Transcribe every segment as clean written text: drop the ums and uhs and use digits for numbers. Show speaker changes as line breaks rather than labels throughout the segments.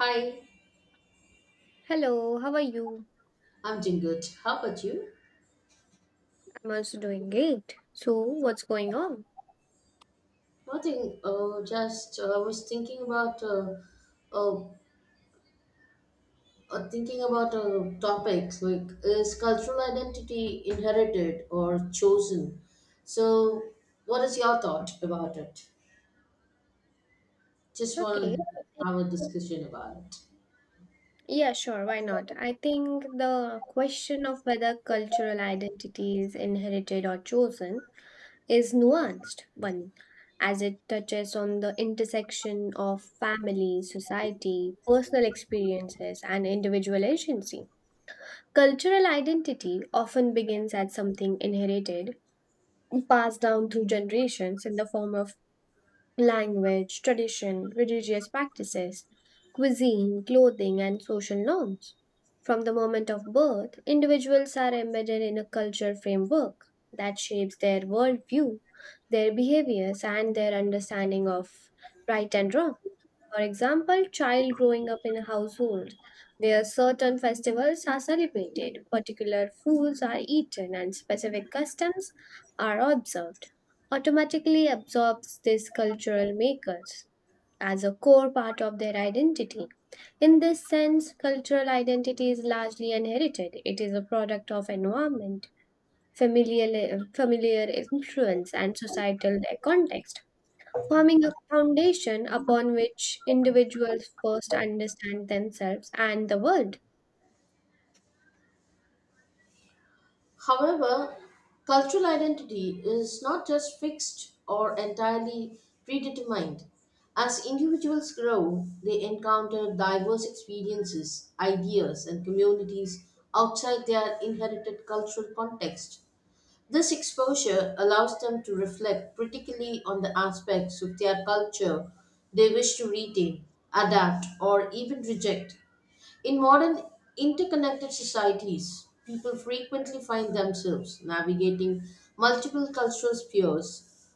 Hi,
Hello, how are you?
I'm doing good. How about you?
I'm also doing great. So, what's going on?
Nothing. Just I was uh, thinking about topics like is cultural identity inherited or chosen? So, what is your thought about it? Just
Okay.
want to have a discussion about it.
Yeah, sure. Why not? I think the question of whether cultural identity is inherited or chosen is nuanced one, as it touches on the intersection of family, society, personal experiences, and individual agency. Cultural identity often begins as something inherited, passed down through generations in the form of language, tradition, religious practices, cuisine, clothing, and social norms. From the moment of birth, individuals are embedded in a cultural framework that shapes their worldview, their behaviors, and their understanding of right and wrong. For example, child growing up in a household where certain festivals are celebrated, particular foods are eaten, and specific customs are observed, automatically absorbs these cultural makers as a core part of their identity. In this sense, cultural identity is largely inherited. It is a product of environment, familial, familiar influence, and societal context forming a foundation upon which individuals first understand themselves and the world.
However, cultural identity is not just fixed or entirely predetermined. As individuals grow, they encounter diverse experiences, ideas, and communities outside their inherited cultural context. This exposure allows them to reflect critically on the aspects of their culture they wish to retain, adapt, or even reject. In modern interconnected societies, people frequently find themselves navigating multiple cultural spheres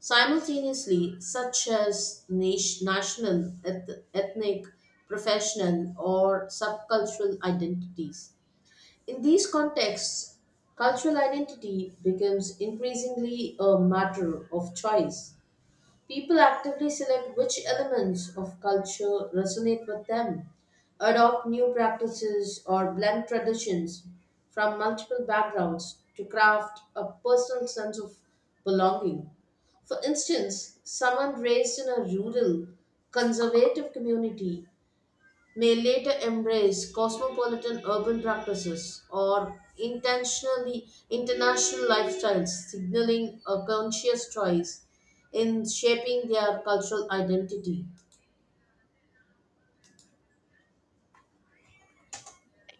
simultaneously, such as national, ethnic, professional, or subcultural identities. In these contexts, cultural identity becomes increasingly a matter of choice. People actively select which elements of culture resonate with them, adopt new practices, or blend traditions from multiple backgrounds to craft a personal sense of belonging. For instance, someone raised in a rural, conservative community may later embrace cosmopolitan urban practices or intentionally international lifestyles, signaling a conscious choice in shaping their cultural identity.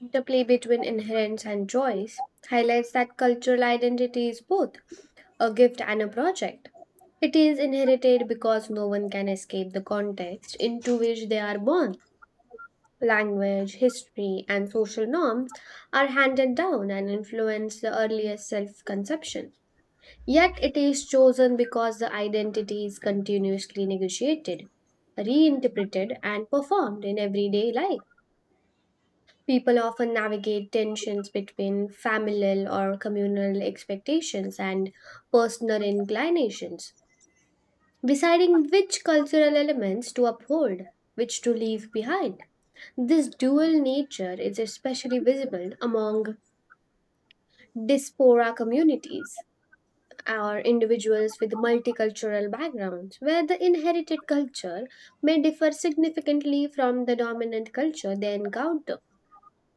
Interplay between inherence and choice highlights that cultural identity is both a gift and a project. It is inherited because no one can escape the context into which they are born. Language, history, and social norms are handed down and influence the earliest self conception. Yet it is chosen because the identity is continuously negotiated, reinterpreted, and performed in everyday life. People often navigate tensions between familial or communal expectations and personal inclinations, deciding which cultural elements to uphold, which to leave behind. This dual nature is especially visible among diaspora communities or individuals with multicultural backgrounds, where the inherited culture may differ significantly from the dominant culture they encounter,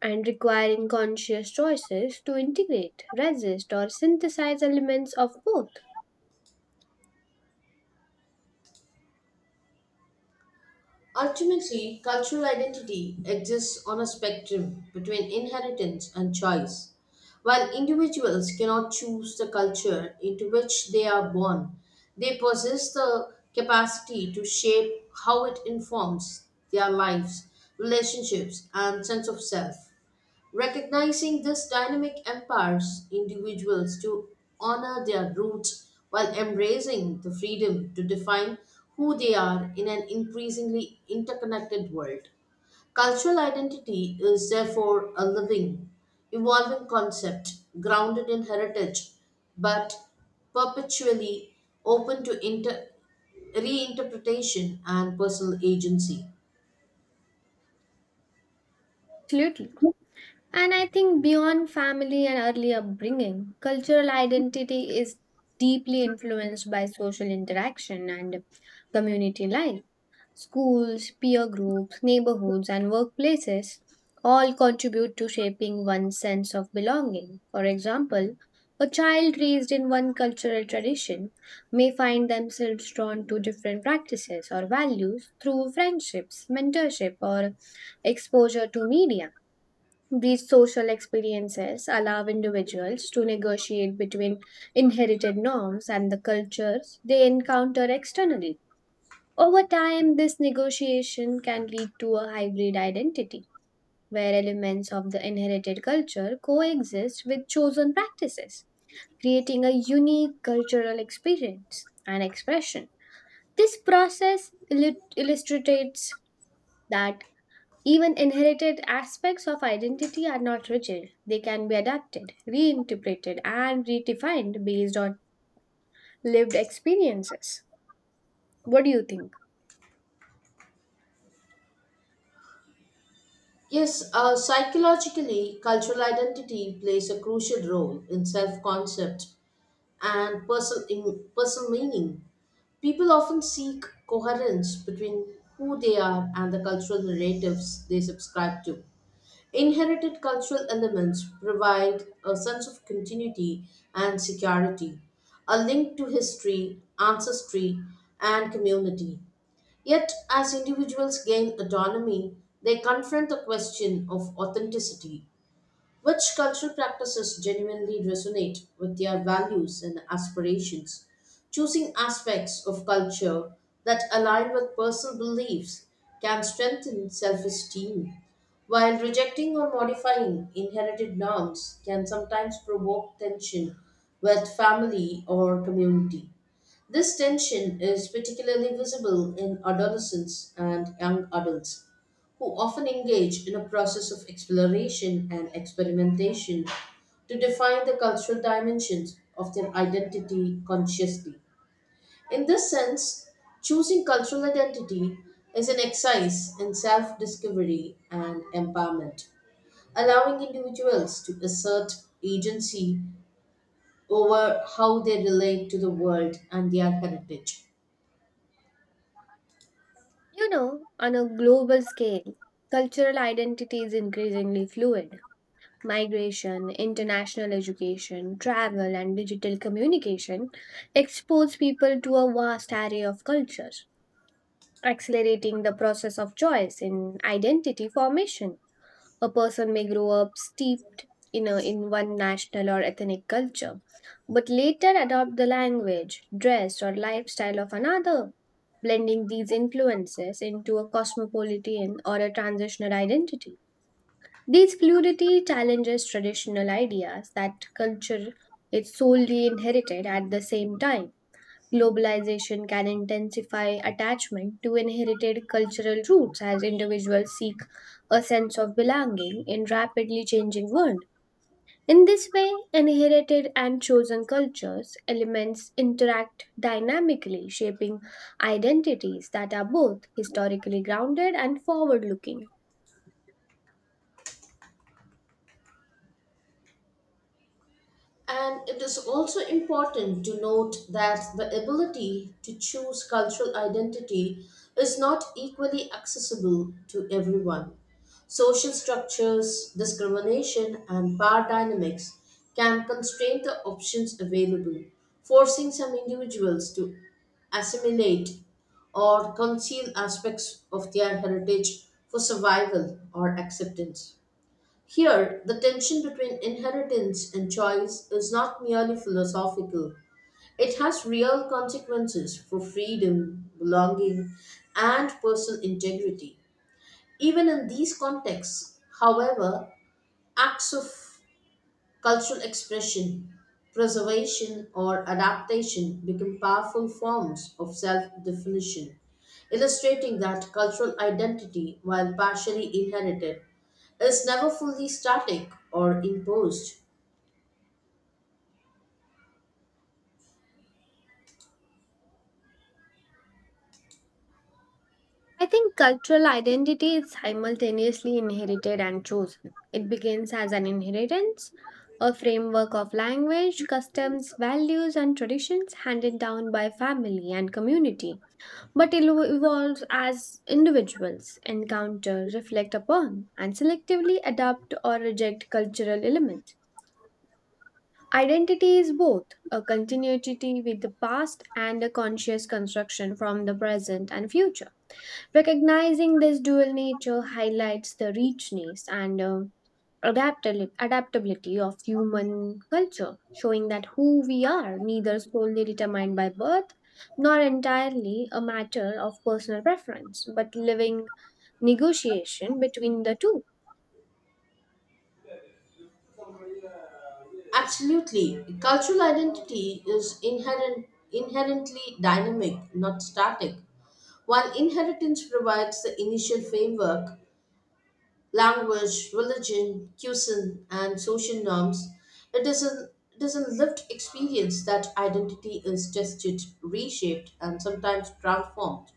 and requiring conscious choices to integrate, resist, or synthesize elements of both.
Ultimately, cultural identity exists on a spectrum between inheritance and choice. While individuals cannot choose the culture into which they are born, they possess the capacity to shape how it informs their lives, relationships, and sense of self. Recognizing these dynamic empowers individuals to honor their roots while embracing the freedom to define who they are in an increasingly interconnected world. Cultural identity is therefore a living, evolving concept grounded in heritage but perpetually open to reinterpretation and personal agency.
Absolutely. And I think beyond family and early upbringing, cultural identity is deeply influenced by social interaction and community life. Schools, peer groups, neighborhoods, and workplaces all contribute to shaping one's sense of belonging. For example, a child raised in one cultural tradition may find themselves drawn to different practices or values through friendships, mentorship, or exposure to media. These social experiences allow individuals to negotiate between inherited norms and the cultures they encounter externally. Over time, this negotiation can lead to a hybrid identity where elements of the inherited culture coexist with chosen practices, creating a unique cultural experience and expression. This process illustrates that even inherited aspects of identity are not rigid, they can be adapted, reinterpreted, and redefined based on lived experiences. What do you think?
Yes, psychologically, cultural identity plays a crucial role in self concept and personal meaning. People often seek coherence between who they are and the cultural narratives they subscribe to. Inherited cultural elements provide a sense of continuity and security, a link to history, ancestry, and community. Yet, as individuals gain autonomy, they confront the question of authenticity: which cultural practices genuinely resonate with their values and aspirations? Choosing aspects of culture that align with personal beliefs can strengthen self esteem, while rejecting or modifying inherited norms can sometimes provoke tension with family or community. This tension is particularly visible in adolescents and young adults who often engage in a process of exploration and experimentation to define the cultural dimensions of their identity consciously. In this sense, choosing cultural identity is an exercise in self discovery and empowerment, allowing individuals to assert agency over how they relate to the world and their heritage.
You know, on a global scale, cultural identity is increasingly fluid. Migration, international education, travel, and digital communication expose people to a vast array of cultures, accelerating the process of choice in identity formation. A person may grow up steeped in one national or ethnic culture, but later adopt the language, dress, or lifestyle of another blending these influences into a cosmopolitan or a transitional identity. These fluidity challenges traditional ideas that culture is solely inherited at the same time. Globalization can intensify attachment to inherited cultural roots as individuals seek a sense of belonging in rapidly changing world. In this way, inherited and chosen cultures elements interact dynamically, shaping identities that are both historically grounded and forward looking.
And it is also important to note that the ability to choose cultural identity is not equally accessible to everyone. Social structures, discrimination, and power dynamics can constrain the options available, forcing some individuals to assimilate or conceal aspects of their heritage for survival or acceptance. Here, the tension between inheritance and choice is not merely philosophical, it has real consequences for freedom, belonging, and personal integrity. Even in these contexts, however, acts of cultural expression, preservation, or adaptation become powerful forms of self definition, illustrating that cultural identity, while partially inherited, is never fully static or imposed.
I think cultural identity is simultaneously inherited and chosen. It begins as an inheritance, a framework of language, customs, values, and traditions handed down by family and community but it evolves as individuals, encounter, reflect upon, and selectively adapt or reject cultural elements. Identity is both a continuity with the past and a conscious construction from the present and future. Recognizing this dual nature highlights the richness and adaptability of human culture, showing that who we are neither solely determined by birth nor entirely a matter of personal preference, but living negotiation between the two.
Absolutely, cultural identity is inherently dynamic, not static. While inheritance provides the initial framework, language, religion, cuisine, and social norms. It is an it is a lived experience that identity is tested, reshaped, and sometimes transformed.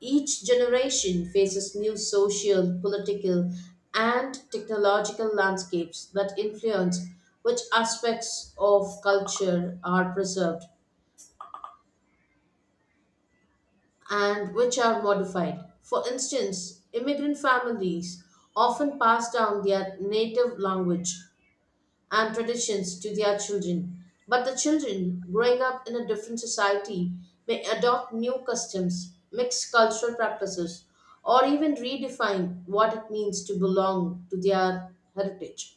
Each generation faces new social, political, and technological landscapes that influence which aspects of culture are preserved and which are modified. For instance, immigrant families often pass down their native language and traditions to their children. But the children growing up in a different society may adopt new customs, mix cultural practices, or even redefine what it means to belong to their heritage.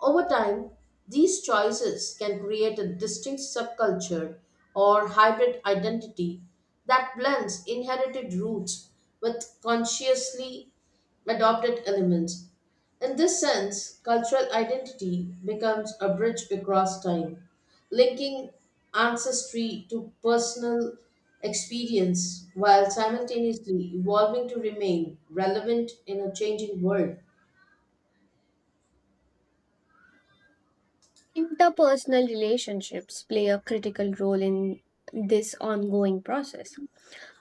Over time, these choices can create a distinct subculture or hybrid identity that blends inherited roots with consciously adopted elements. In this sense, cultural identity becomes a bridge across time, linking ancestry to personal experience while simultaneously evolving to remain relevant in a changing world.
Interpersonal relationships play a critical role in this ongoing process.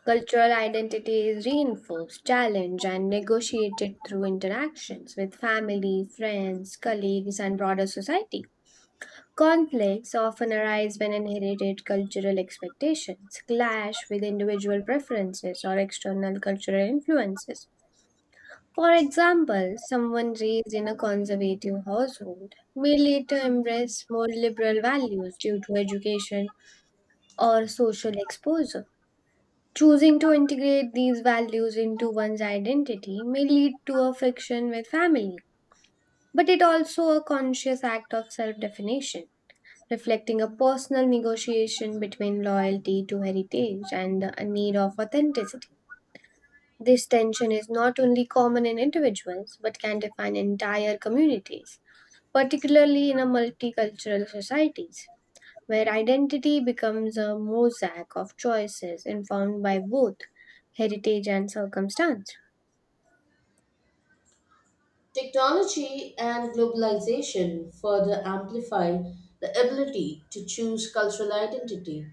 Cultural identity is reinforced, challenged, and negotiated through interactions with family, friends, colleagues, and broader society. Conflicts often arise when inherited cultural expectations clash with individual preferences or external cultural influences. For example, someone raised in a conservative household may later embrace more liberal values due to education or social exposure. Choosing to integrate these values into one's identity may lead to a friction with family, but it also a conscious act of self-definition, reflecting a personal negotiation between loyalty to heritage and the need of authenticity. This tension is not only common in individuals but can define entire communities, particularly in a multicultural societies where identity becomes a mosaic of choices informed by both heritage and circumstance.
Technology and globalization further amplify the ability to choose cultural identity.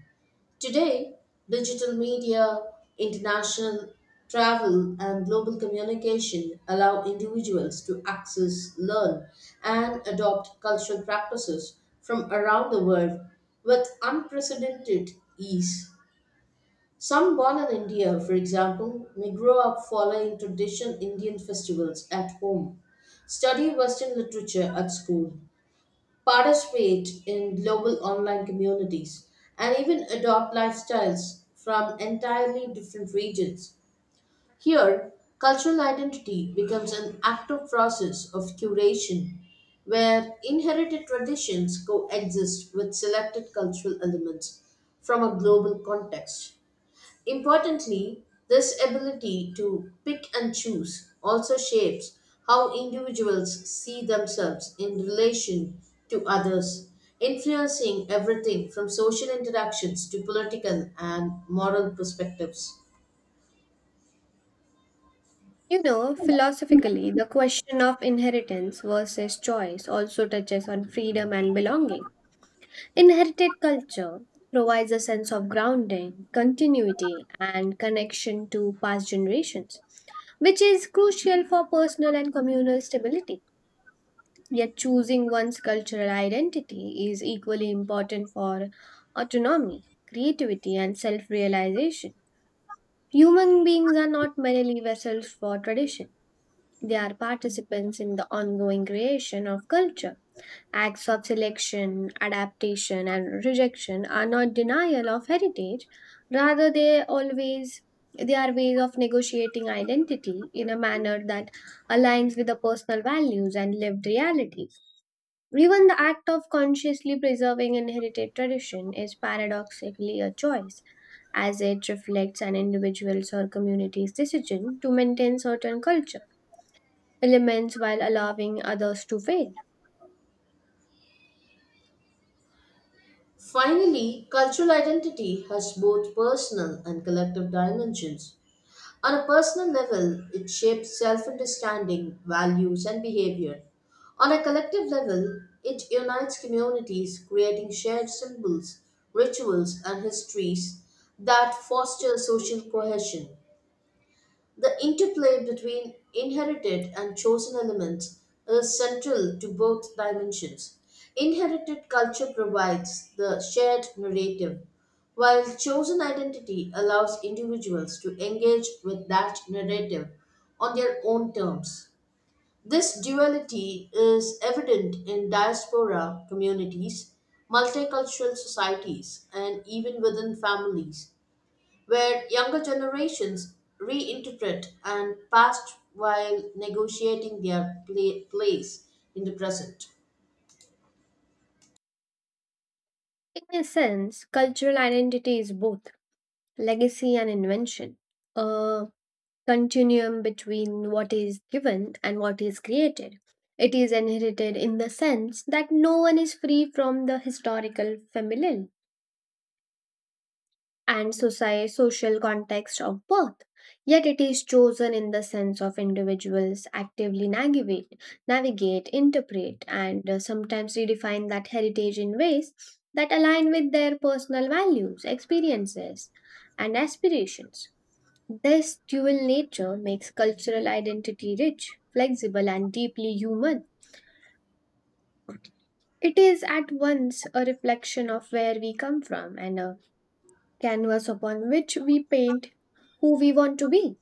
Today, digital media, international travel, and global communication allow individuals to access, learn, and adopt cultural practices from around the world with unprecedented ease. Some born in India, for example, may grow up following traditional Indian festivals at home, study Western literature at school, participate in global online communities, and even adopt lifestyles from entirely different regions. Here, cultural identity becomes an active process of curation where inherited traditions coexist with selected cultural elements from a global context. Importantly, this ability to pick and choose also shapes how individuals see themselves in relation to others, influencing everything from social interactions to political and moral perspectives.
You know, philosophically, the question of inheritance versus choice also touches on freedom and belonging. Inherited culture provides a sense of grounding, continuity, and connection to past generations, which is crucial for personal and communal stability. Yet, choosing one's cultural identity is equally important for autonomy, creativity, and self realization. Human beings are not merely vessels for tradition, they are participants in the ongoing creation of culture. Acts of selection, adaptation, and rejection are not denial of heritage. Rather, they are ways of negotiating identity in a manner that aligns with the personal values and lived realities. Even the act of consciously preserving inherited tradition is paradoxically a choice, as it reflects an individual's or community's decision to maintain certain culture elements while allowing others to fade.
Finally, cultural identity has both personal and collective dimensions. On a personal level, it shapes self understanding, values, and behavior. On a collective level, it unites communities, creating shared symbols, rituals, and histories that foster social cohesion. The interplay between inherited and chosen elements is central to both dimensions. Inherited culture provides the shared narrative, while chosen identity allows individuals to engage with that narrative on their own terms. This duality is evident in diaspora communities, multicultural societies, and even within families where younger generations reinterpret and past while negotiating their place in the present.
In a sense, cultural identity is both legacy and invention, a continuum between what is given and what is created. It is inherited in the sense that no one is free from the historical familial and social context of birth. Yet it is chosen in the sense of individuals actively navigate, interpret, and sometimes redefine that heritage in ways that align with their personal values, experiences, and aspirations. This dual nature makes cultural identity rich, flexible, and deeply human. It is at once a reflection of where we come from and a canvas upon which we paint who we want to be.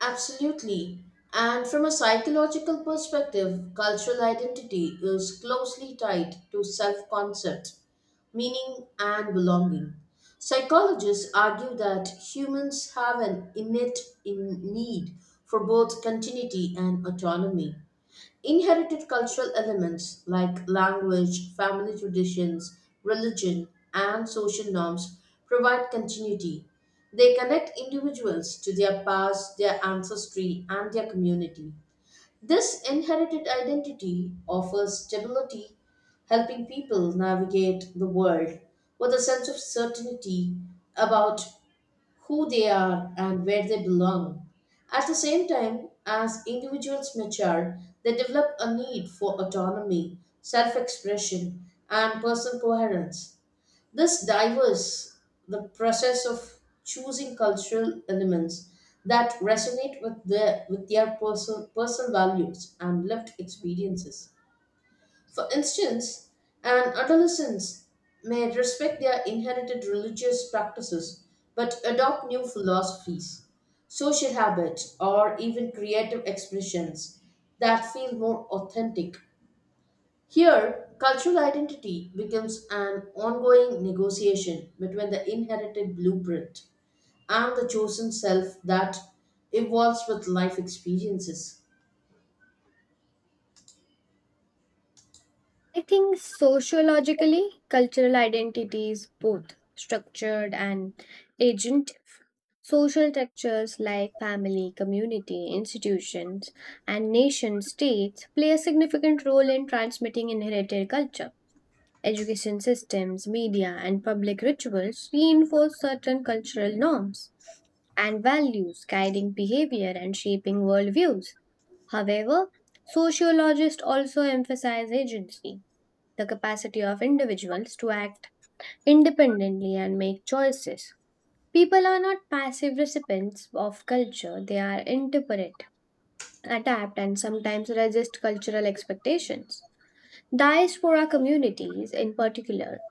Absolutely. And from a psychological perspective, cultural identity is closely tied to self concept, meaning, and belonging. Psychologists argue that humans have an innate in need for both continuity and autonomy. Inherited cultural elements like language, family traditions, religion, and social norms provide continuity. They connect individuals to their past, their ancestry, and their community. This inherited identity offers stability, helping people navigate the world with a sense of certainty about who they are and where they belong. At the same time, as individuals mature, they develop a need for autonomy, self expression, and personal coherence. This diverse The process of choosing cultural elements that resonate with their personal values and lived experiences. For instance, an adolescent may respect their inherited religious practices but adopt new philosophies, social habits, or even creative expressions that feel more authentic. Here, cultural identity becomes an ongoing negotiation between the inherited blueprint and the chosen self that evolves with life experiences.
I think sociologically, cultural identity is both structured and agent. Social structures like family, community, institutions, and nation states play a significant role in transmitting inherited culture. Education systems, media, and public rituals reinforce certain cultural norms and values, guiding behavior and shaping worldviews. However, sociologists also emphasize agency, the capacity of individuals to act independently and make choices. People are not passive recipients of culture, they are interpret, adapt, and sometimes resist cultural expectations. Diaspora communities, in particular,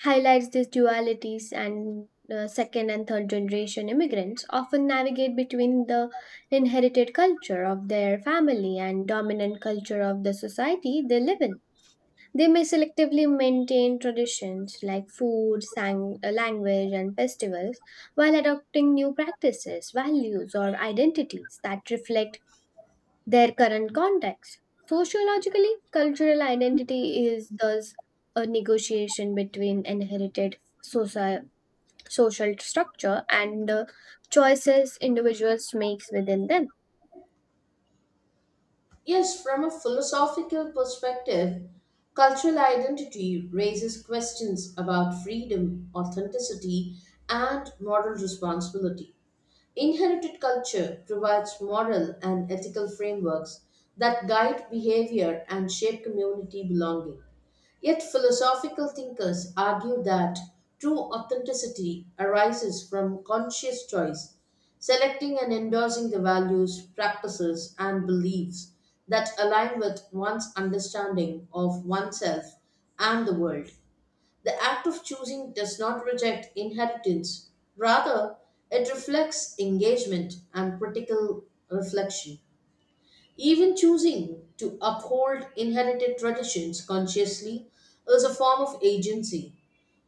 highlights these dualities and second and third generation immigrants often navigate between the inherited culture of their family and dominant culture of the society they live in. They may selectively maintain traditions like language and festivals while adopting new practices values or identities that reflect their current context. Sociologically, cultural identity is thus a negotiation between inherited soci- social structure and the choices individuals makes within them.
Yes, from a philosophical perspective, cultural identity raises questions about freedom, authenticity, and moral responsibility. Inherited culture provides moral and ethical frameworks that guide behavior and shape community belonging. Yet, philosophical thinkers argue that true authenticity arises from conscious choice, selecting and endorsing the values, practices, and beliefs that align with one's understanding of oneself and the world. The act of choosing does not reject inheritance, rather, it reflects engagement and critical reflection. Even choosing to uphold inherited traditions consciously is a form of agency.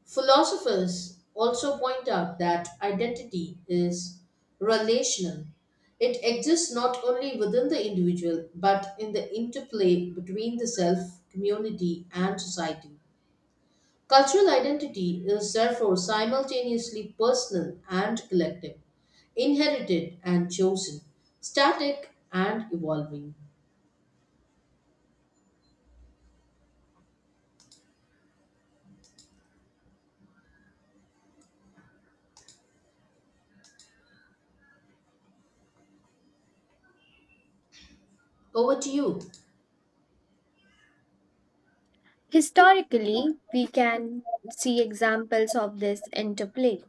Philosophers also point out that identity is relational. It exists not only within the individual but in the interplay between the self, community, and society. Cultural identity is therefore simultaneously personal and collective, inherited and chosen, static and evolving. Over to you.
Historically, we can see examples of this interplay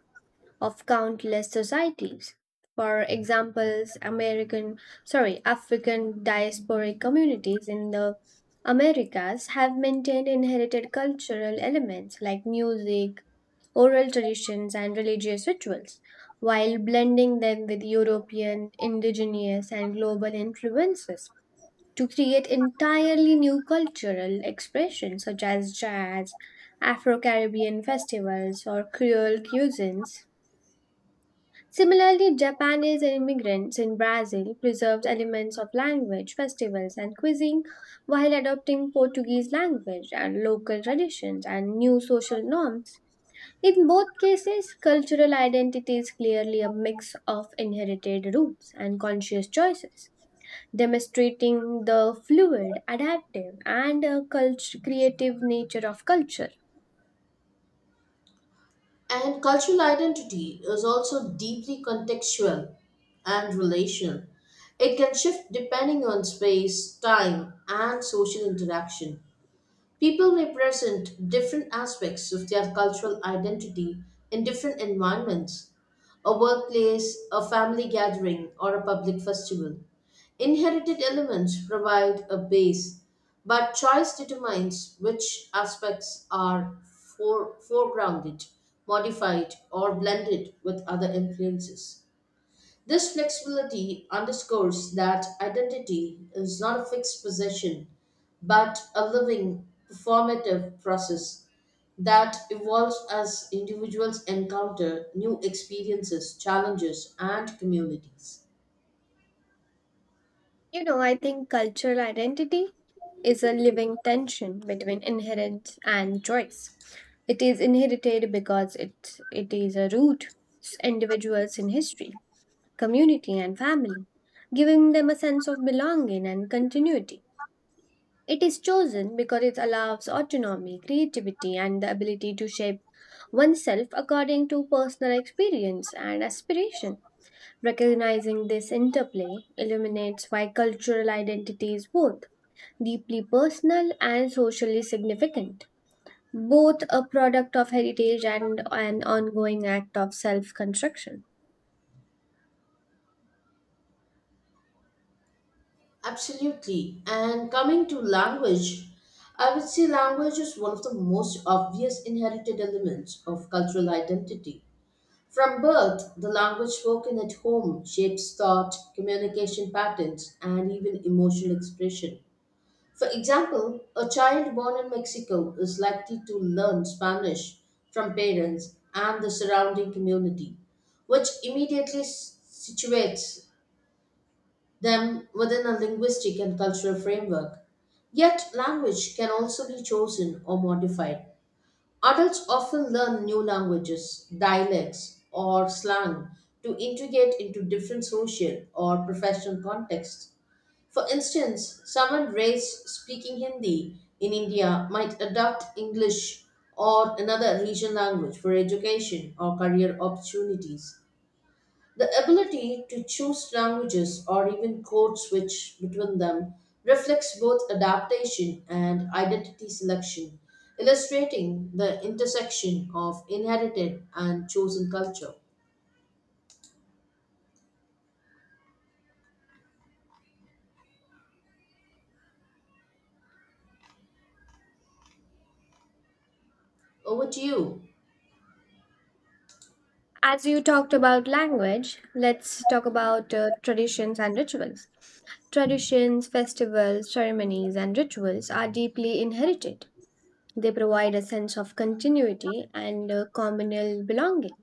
of countless societies. For examples, African diasporic communities in the Americas have maintained inherited cultural elements like music, oral traditions, and religious rituals, while blending them with European, indigenous, and global influences to create entirely new cultural expressions such as jazz, Afro Caribbean festivals, or Creole cuisines. Similarly, Japanese immigrants in Brazil preserved elements of language, festivals, and cuisine while adopting Portuguese language and local traditions and new social norms. In both cases, cultural identity is clearly a mix of inherited roots and conscious choices, demonstrating the fluid, adaptive, and creative nature of culture.
And cultural identity is also deeply contextual and relational. It can shift depending on space, time, and social interaction. People may present different aspects of their cultural identity in different environments: a workplace, a family gathering, or a public festival. Inherited elements provide a base, but choice determines which aspects are foregrounded, modified, or blended with other influences. This flexibility underscores that identity is not a fixed possession, but a living, performative process that evolves as individuals encounter new experiences, challenges, and communities.
You know, I think cultural identity is a living tension between inheritance and choice. It is inherited because it is a root individuals in history, community, and family, giving them a sense of belonging and continuity. It is chosen because it allows autonomy, creativity, and the ability to shape oneself according to personal experience and aspiration. Recognizing this interplay illuminates why cultural identity is both deeply personal and socially significant, both a product of heritage and an ongoing act of self construction.
Absolutely. And coming to language, I would say language is one of the most obvious inherited elements of cultural identity. From birth, the language spoken at home shapes thought, communication patterns, and even emotional expression. For example, a child born in Mexico is likely to learn Spanish from parents and the surrounding community, which immediately situates them within a linguistic and cultural framework. Yet, language can also be chosen or modified. Adults often learn new languages, dialects, or slang to integrate into different social or professional contexts. For instance, someone raised speaking Hindi in India might adopt English or another regional language for education or career opportunities. The ability to choose languages or even code switch between them reflects both adaptation and identity selection, illustrating the intersection of inherited and chosen culture. Over to you.
As you talked about language, let's talk about traditions and rituals. Traditions, festivals, ceremonies, and rituals are deeply inherited. They provide a sense of continuity and communal belonging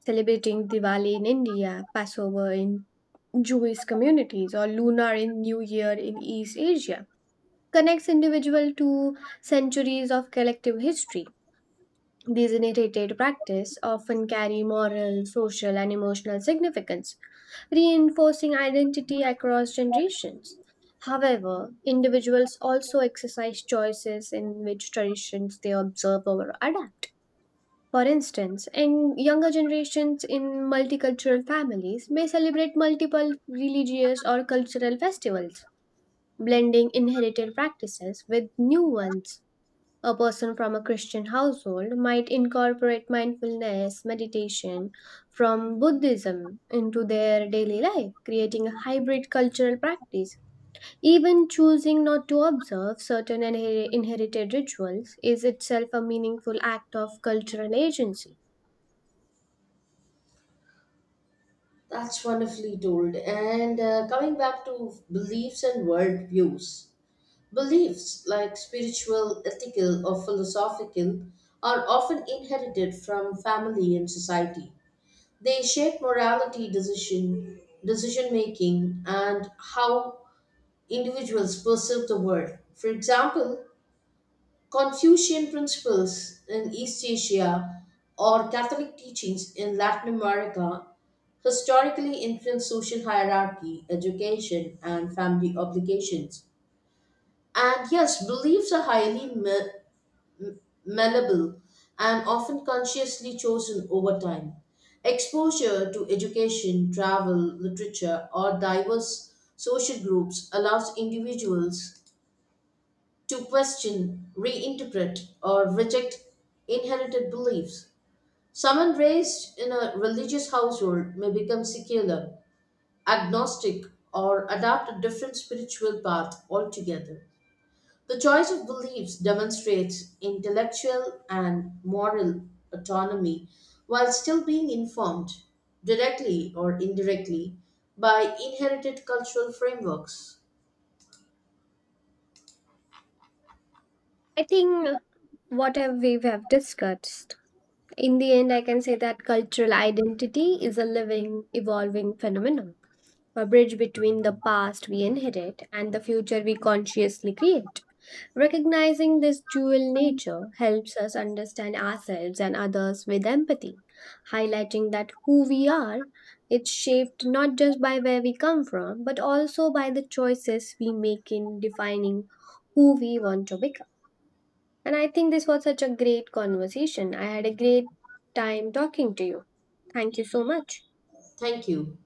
celebrating Diwali in India, Passover in Jewish communities, or Lunar in New Year in East Asia connects individual to centuries of collective history. These inherited practice often carry moral, social, and emotional significance, reinforcing identity across generations. However, individuals also exercise choices in which traditions they observe or adapt for instance, and younger generations in multicultural families may celebrate multiple religious or cultural festivals, blending inherited practices with new ones. A person from a Christian household might incorporate mindfulness meditation from Buddhism into their daily life, creating a hybrid cultural practice. Even choosing not to observe certain inherited rituals is itself a meaningful act of cultural agency.
That's wonderfully told. And coming back to beliefs and worldviews, beliefs like spiritual, ethical, or philosophical are often inherited from family and society. They shape morality, decision making, and how individuals perceive the world. For example, Confucian principles in East Asia or Catholic teachings in Latin America historically influence social hierarchy, education, and family obligations. And yes, beliefs are highly malleable, and often consciously chosen over time. Exposure to education, travel, literature, or diverse social groups allows individuals to question, reinterpret, or reject inherited beliefs. Someone raised in a religious household may become secular, agnostic, or adopt a different spiritual path altogether. The choice of beliefs demonstrates intellectual and moral autonomy while still being informed, directly or indirectly, by inherited cultural frameworks.
I think whatever we have discussed, in the end, I can say that cultural identity is a living, evolving phenomenon, a bridge between the past we inherit and the future we consciously create. Recognizing this dual nature helps us understand ourselves and others with empathy, highlighting that who we are is shaped not just by where we come from, but also by the choices we make in defining who we want to become. And I think this was such a great conversation. I had a great time talking to you. Thank you so much.
Thank you.